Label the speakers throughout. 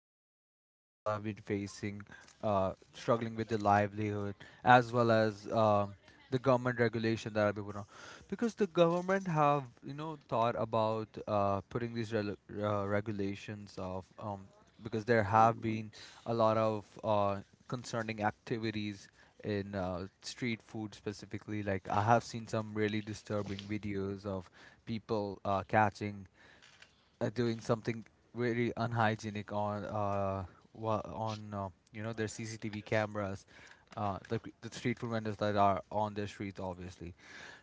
Speaker 1: struggles that the people have been facing, struggling with their livelihood, as well as the government regulation that have been put on. Because the government have, you know, thought about putting these rel regulations of, because there have
Speaker 2: R-
Speaker 1: been a lot of concerning activities in street food specifically. Like I have seen some really disturbing videos of people catching doing something very unhygienic on, you know, their CCTV cameras, the street food vendors that are on their streets, obviously.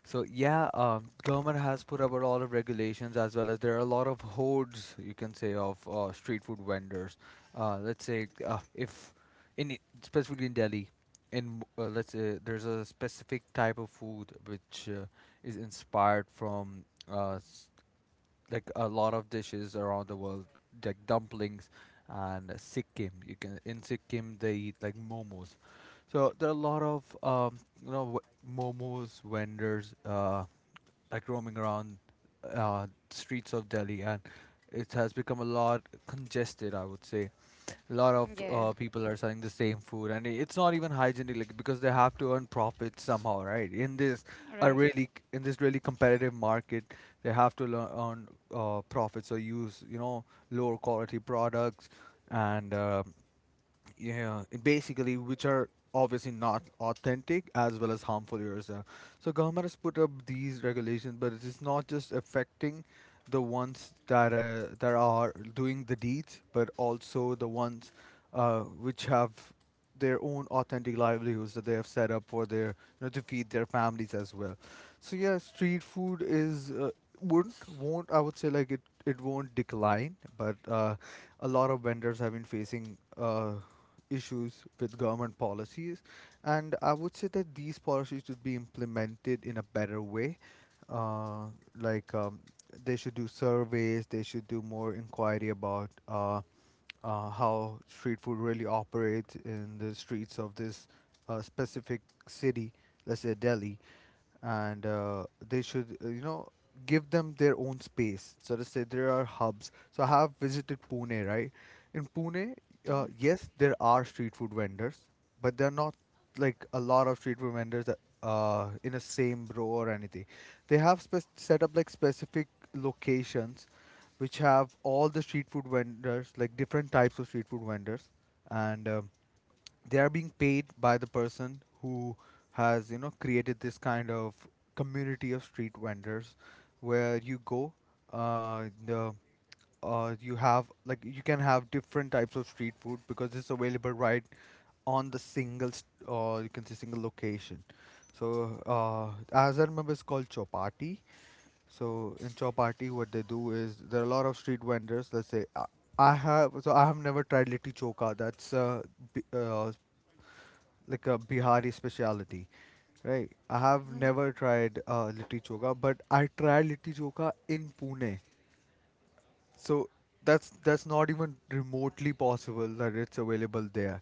Speaker 1: So yeah, government has put up a lot of regulations, as well as there are a lot of hordes, you can say, of street food vendors. Let's say if specifically in Delhi. In, let's say, there's a specific type of food which is inspired from uh, like a lot of dishes around the world, like dumplings and Sikkim. You can, in Sikkim they eat like momos. So there are a lot of momos vendors like roaming around streets of Delhi, and it has become a lot congested, I would say. A lot of
Speaker 3: Yeah,
Speaker 1: people are selling the same food and it's not even hygienic, like, because they have to earn profits somehow, right? in this a
Speaker 3: right.
Speaker 1: really in this really competitive market they have to earn profits, or use, you know, lower quality products, and yeah, basically, which are obviously not authentic as well as harmful yourself. So government has put up these regulations, but it is not just affecting the ones that are doing the deeds, but also the ones which have their own authentic livelihoods that they have set up for their, you know, to feed their families as well. So yeah, street food is wouldn't won't I would say, like, it won't decline, but a lot of vendors have been facing issues with government policies, and I would say that these policies should be implemented in a better way. uh, like um, they should do surveys, they should do more inquiry about how street food really operates in the streets of this specific city, let's say Delhi, and they should, you know, give them their own space, so to say. There are hubs. So I have visited Pune, right? In Pune,
Speaker 3: Mhm.
Speaker 1: yes, there are street food vendors, but they're not like a lot of street food vendors that, in a same row or anything. They have spec set up like specific locations which have all the street food vendors, like different types of street food vendors, and they are being paid by the person who has, you know, created this kind of community of street vendors, where you go, the you have, like, you can have different types of street food because it's available right on the single or you can say single location. So as I remember, it's called chopati. So in chopati, what they do is there are a lot of street vendors. Let's say I have, so I have never tried litti choka. That's b- uh like a Bihari specialty, right? I have
Speaker 3: Mhm.
Speaker 1: never tried litti choka, but I tried litti choka in Pune, so that's not even remotely possible that it's available there.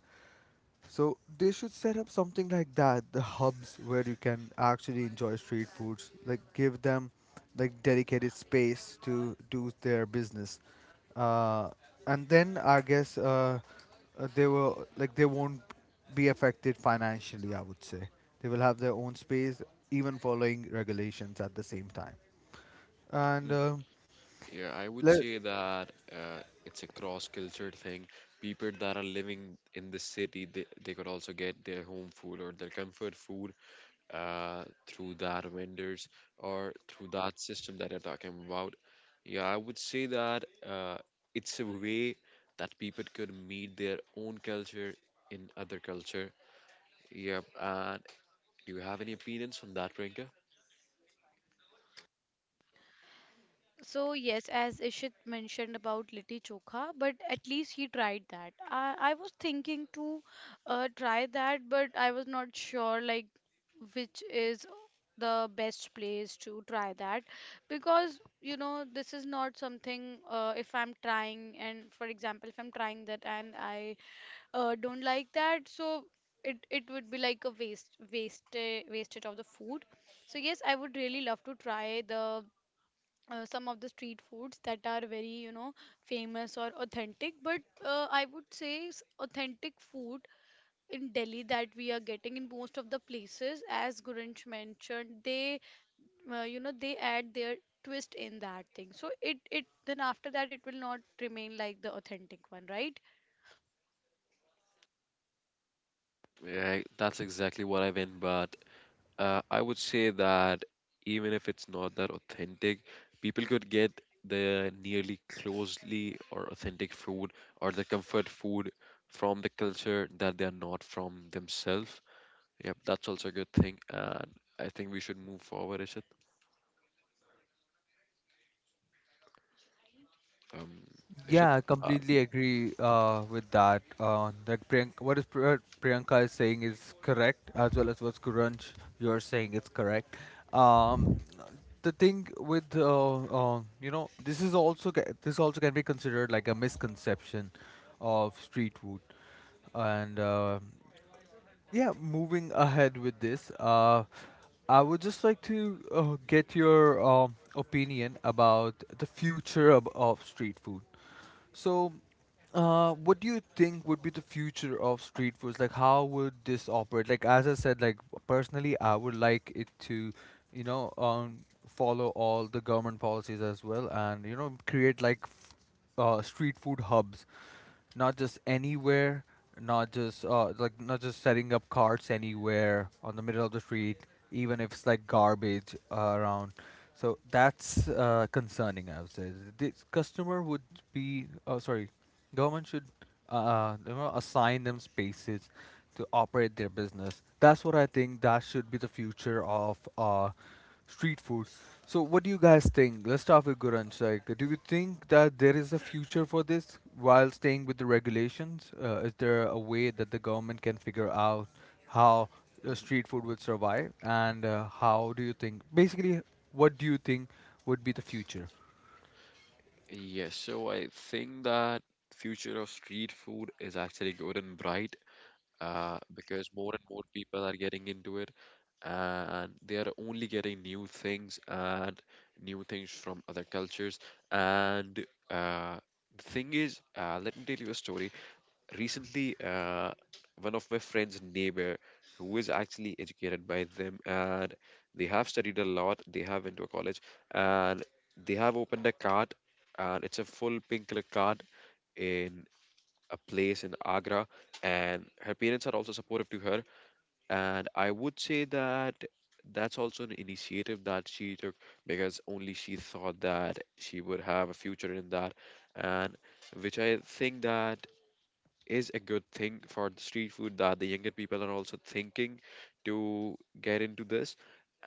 Speaker 1: So they should set up something like that, the hubs where you can actually enjoy street foods. Like give them like dedicated space to do their business. Uh, and then I guess they will, like, they won't be affected financially, I would say. They will have their own space, even following regulations at the same time. And
Speaker 2: mm,
Speaker 1: uh,
Speaker 2: Yeah, I would
Speaker 1: let,
Speaker 2: say that it's a cross-culture thing. People that are living in the city, they could also get their home food or their comfort food through that vendors or through that system that you're talking about. Yeah, I would say that it's a way that people could meet their own culture in other culture. Yep, and do you have any opinions on that, Priyanka?
Speaker 3: So yes, as Ishit mentioned about litti chokha, but at least he tried that. I was thinking to try that, but I was not sure like which is the best place to try that because you know this is not something, if I'm trying, and for example if I'm trying that and I don't like that, so it would be like a wasted of the food. So yes, I would really love to try the some of the street foods that are very, you know, famous or authentic, but I would say authentic food in Delhi that we are getting in most of the places, as Gurinch mentioned, they, you know, they add their twist in that thing, so it then after that it will not remain like the authentic one, right?
Speaker 2: Yeah, that's exactly what I meant, but I would say that even if it's not that authentic, people could get the nearly closely or authentic food or the comfort food from the culture that they are not from themselves. Yep, that's also a good thing, and I think we should move forward, Ishit. Um, Ishit.
Speaker 1: Yeah, I
Speaker 2: Uh,
Speaker 1: completely agree with that. That Priyanka, what Priyanka is saying is correct, as well as what Kurunj you're saying is correct. Um, the thing with you know, this is also this also can be considered like a misconception of street food, and yeah, moving ahead with this, I would just like to get your opinion about the future of street food. So, what do you think would be the future of street foods? Like, how would this operate? Like, as I said, like personally, I would like it to, you know, follow all the government policies as well, and, you know, create like street food hubs, not just anywhere, not just like, not just setting up carts anywhere on the middle of the street, even if it's like garbage around. So that's concerning, I would say. This customer would be, oh, sorry, Government should you know, assign them spaces to operate their business. That's what I think that should be the future of street food. So, what do you guys think? Let's start with Guranj. Like, do you think that there is a future for this while staying with the regulations? Is there a way that the government can figure out how
Speaker 2: mhm.
Speaker 1: street food would survive? And how do you think, basically, what do you think would be the future?
Speaker 2: Yes, so I think that future of street food is actually good and bright. Because more and more people are getting into it and they are only getting new things and new things from other cultures. And uh, the thing is, let me tell you a story. Recently, one of my friend's neighbor, who is actually educated by them, and they have studied a lot. They have into a college, and they have opened a cart, and it's a full pink color cart in a place in Agra, and her parents are also supportive to her. And I would say that that's also an initiative that she took because only she thought that she would have a future in that, and which I think that is a good thing for the street food that the younger people are also thinking to get into this.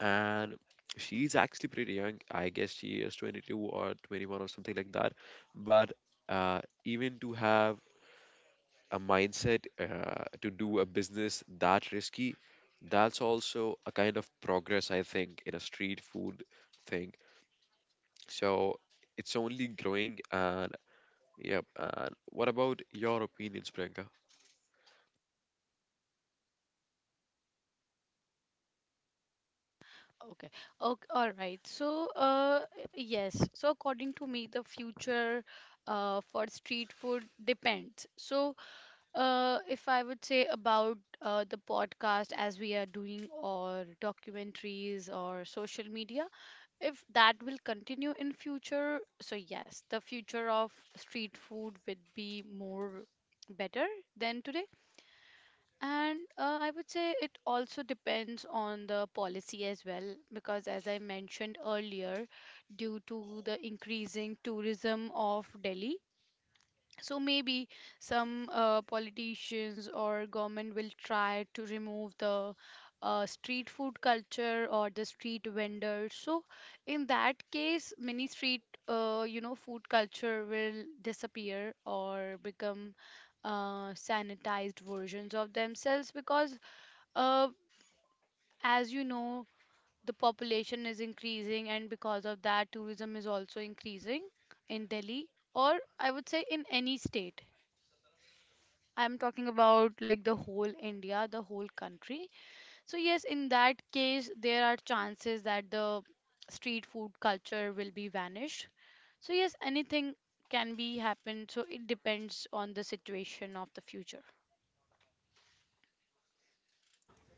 Speaker 2: And she's actually pretty young. I guess she is 22 or 21 or something like that. But uh, even to have a mindset to do a business that risky, that's also a kind of progress, I think, in a street food thing. So it's only growing. And yep. And what about your opinions, Priyanka?
Speaker 3: Okay. Okay. All right. So, uh, yes. So, according to me, the future, for street food depends. So, if I would say about the podcast as we are doing, or documentaries, or social media, if that will continue in future, so yes, the future of street food would be more better than today. And I would say it also depends on the policy as well, because as I mentioned earlier, due to the increasing tourism of Delhi, so maybe some politicians or government will try to remove the street food culture or the street vendors. So in that case, many street, you know, food culture will disappear or become sanitized versions of themselves because, uh, as you know, the population is increasing, and because of that, tourism is also increasing in Delhi, or I would say in any state. I'm talking about like the whole India, the whole country. So, yes, in that case, there are chances that the street food culture will be vanished. So, yes, anything can be happened. So, it depends on the situation of the future.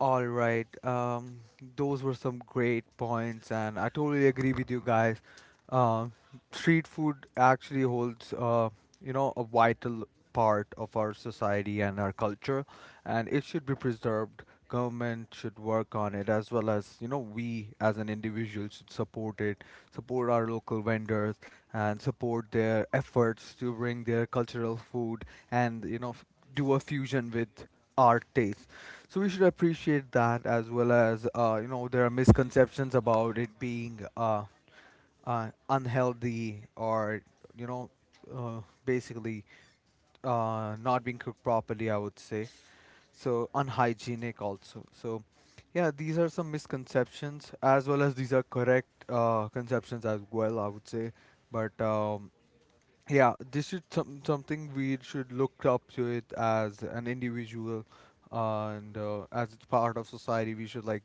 Speaker 1: All right. Those were some great points, and I totally agree with you guys. Um, Street food actually holds, you know, a vital part of our society and our culture, and it should be preserved. Government should work on it, as well as, you know, we as an individual should support it, support our local vendors, and support their efforts to bring their cultural food and, you know, f- do a fusion with our taste. So we should appreciate that. As well as, you know, there are misconceptions about it being unhealthy, or, you know, basically not being cooked properly, I would say, so unhygienic also. So yeah, these are some misconceptions, as well as these are correct conceptions as well, I would say. But yeah, this is some, something we should look up to it as an individual, and as it's part of society, we should, like,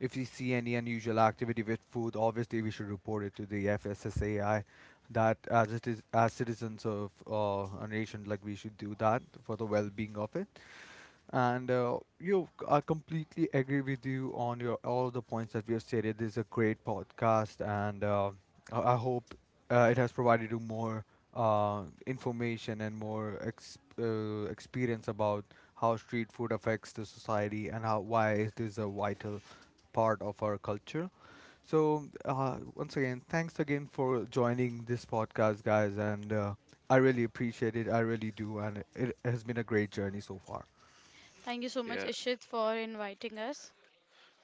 Speaker 1: if we see any unusual activity with food, obviously we should report it to the FSSAI. That as it is, as citizens of a nation, like, we should do that for the well-being of it. I completely agree with you on your all of the points that we have stated. This is a great podcast, and I hope it has provided you more information and more experience about how street food affects the society, and how, why it is a vital part of our culture. So once again, thanks again for joining this podcast, guys, and I really appreciate it. I really do, and it has been a great journey so far.
Speaker 3: Thank you so much,
Speaker 2: Yeah,
Speaker 3: Ishit, for inviting us.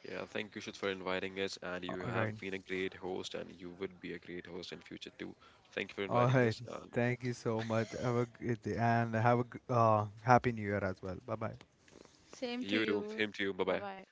Speaker 2: yeah. Thank you, Shit, for inviting us. And you
Speaker 1: All right.
Speaker 2: have been a great host, and you would be a great host in future too. Thank you for
Speaker 1: All
Speaker 2: inviting
Speaker 1: right.
Speaker 2: us.
Speaker 1: Thank you so much. Have a great day and have a happy new year as well. Bye bye.
Speaker 3: Same to
Speaker 2: You too.
Speaker 3: you.
Speaker 2: Him to you. Bye
Speaker 3: Bye
Speaker 2: bye.
Speaker 3: bye.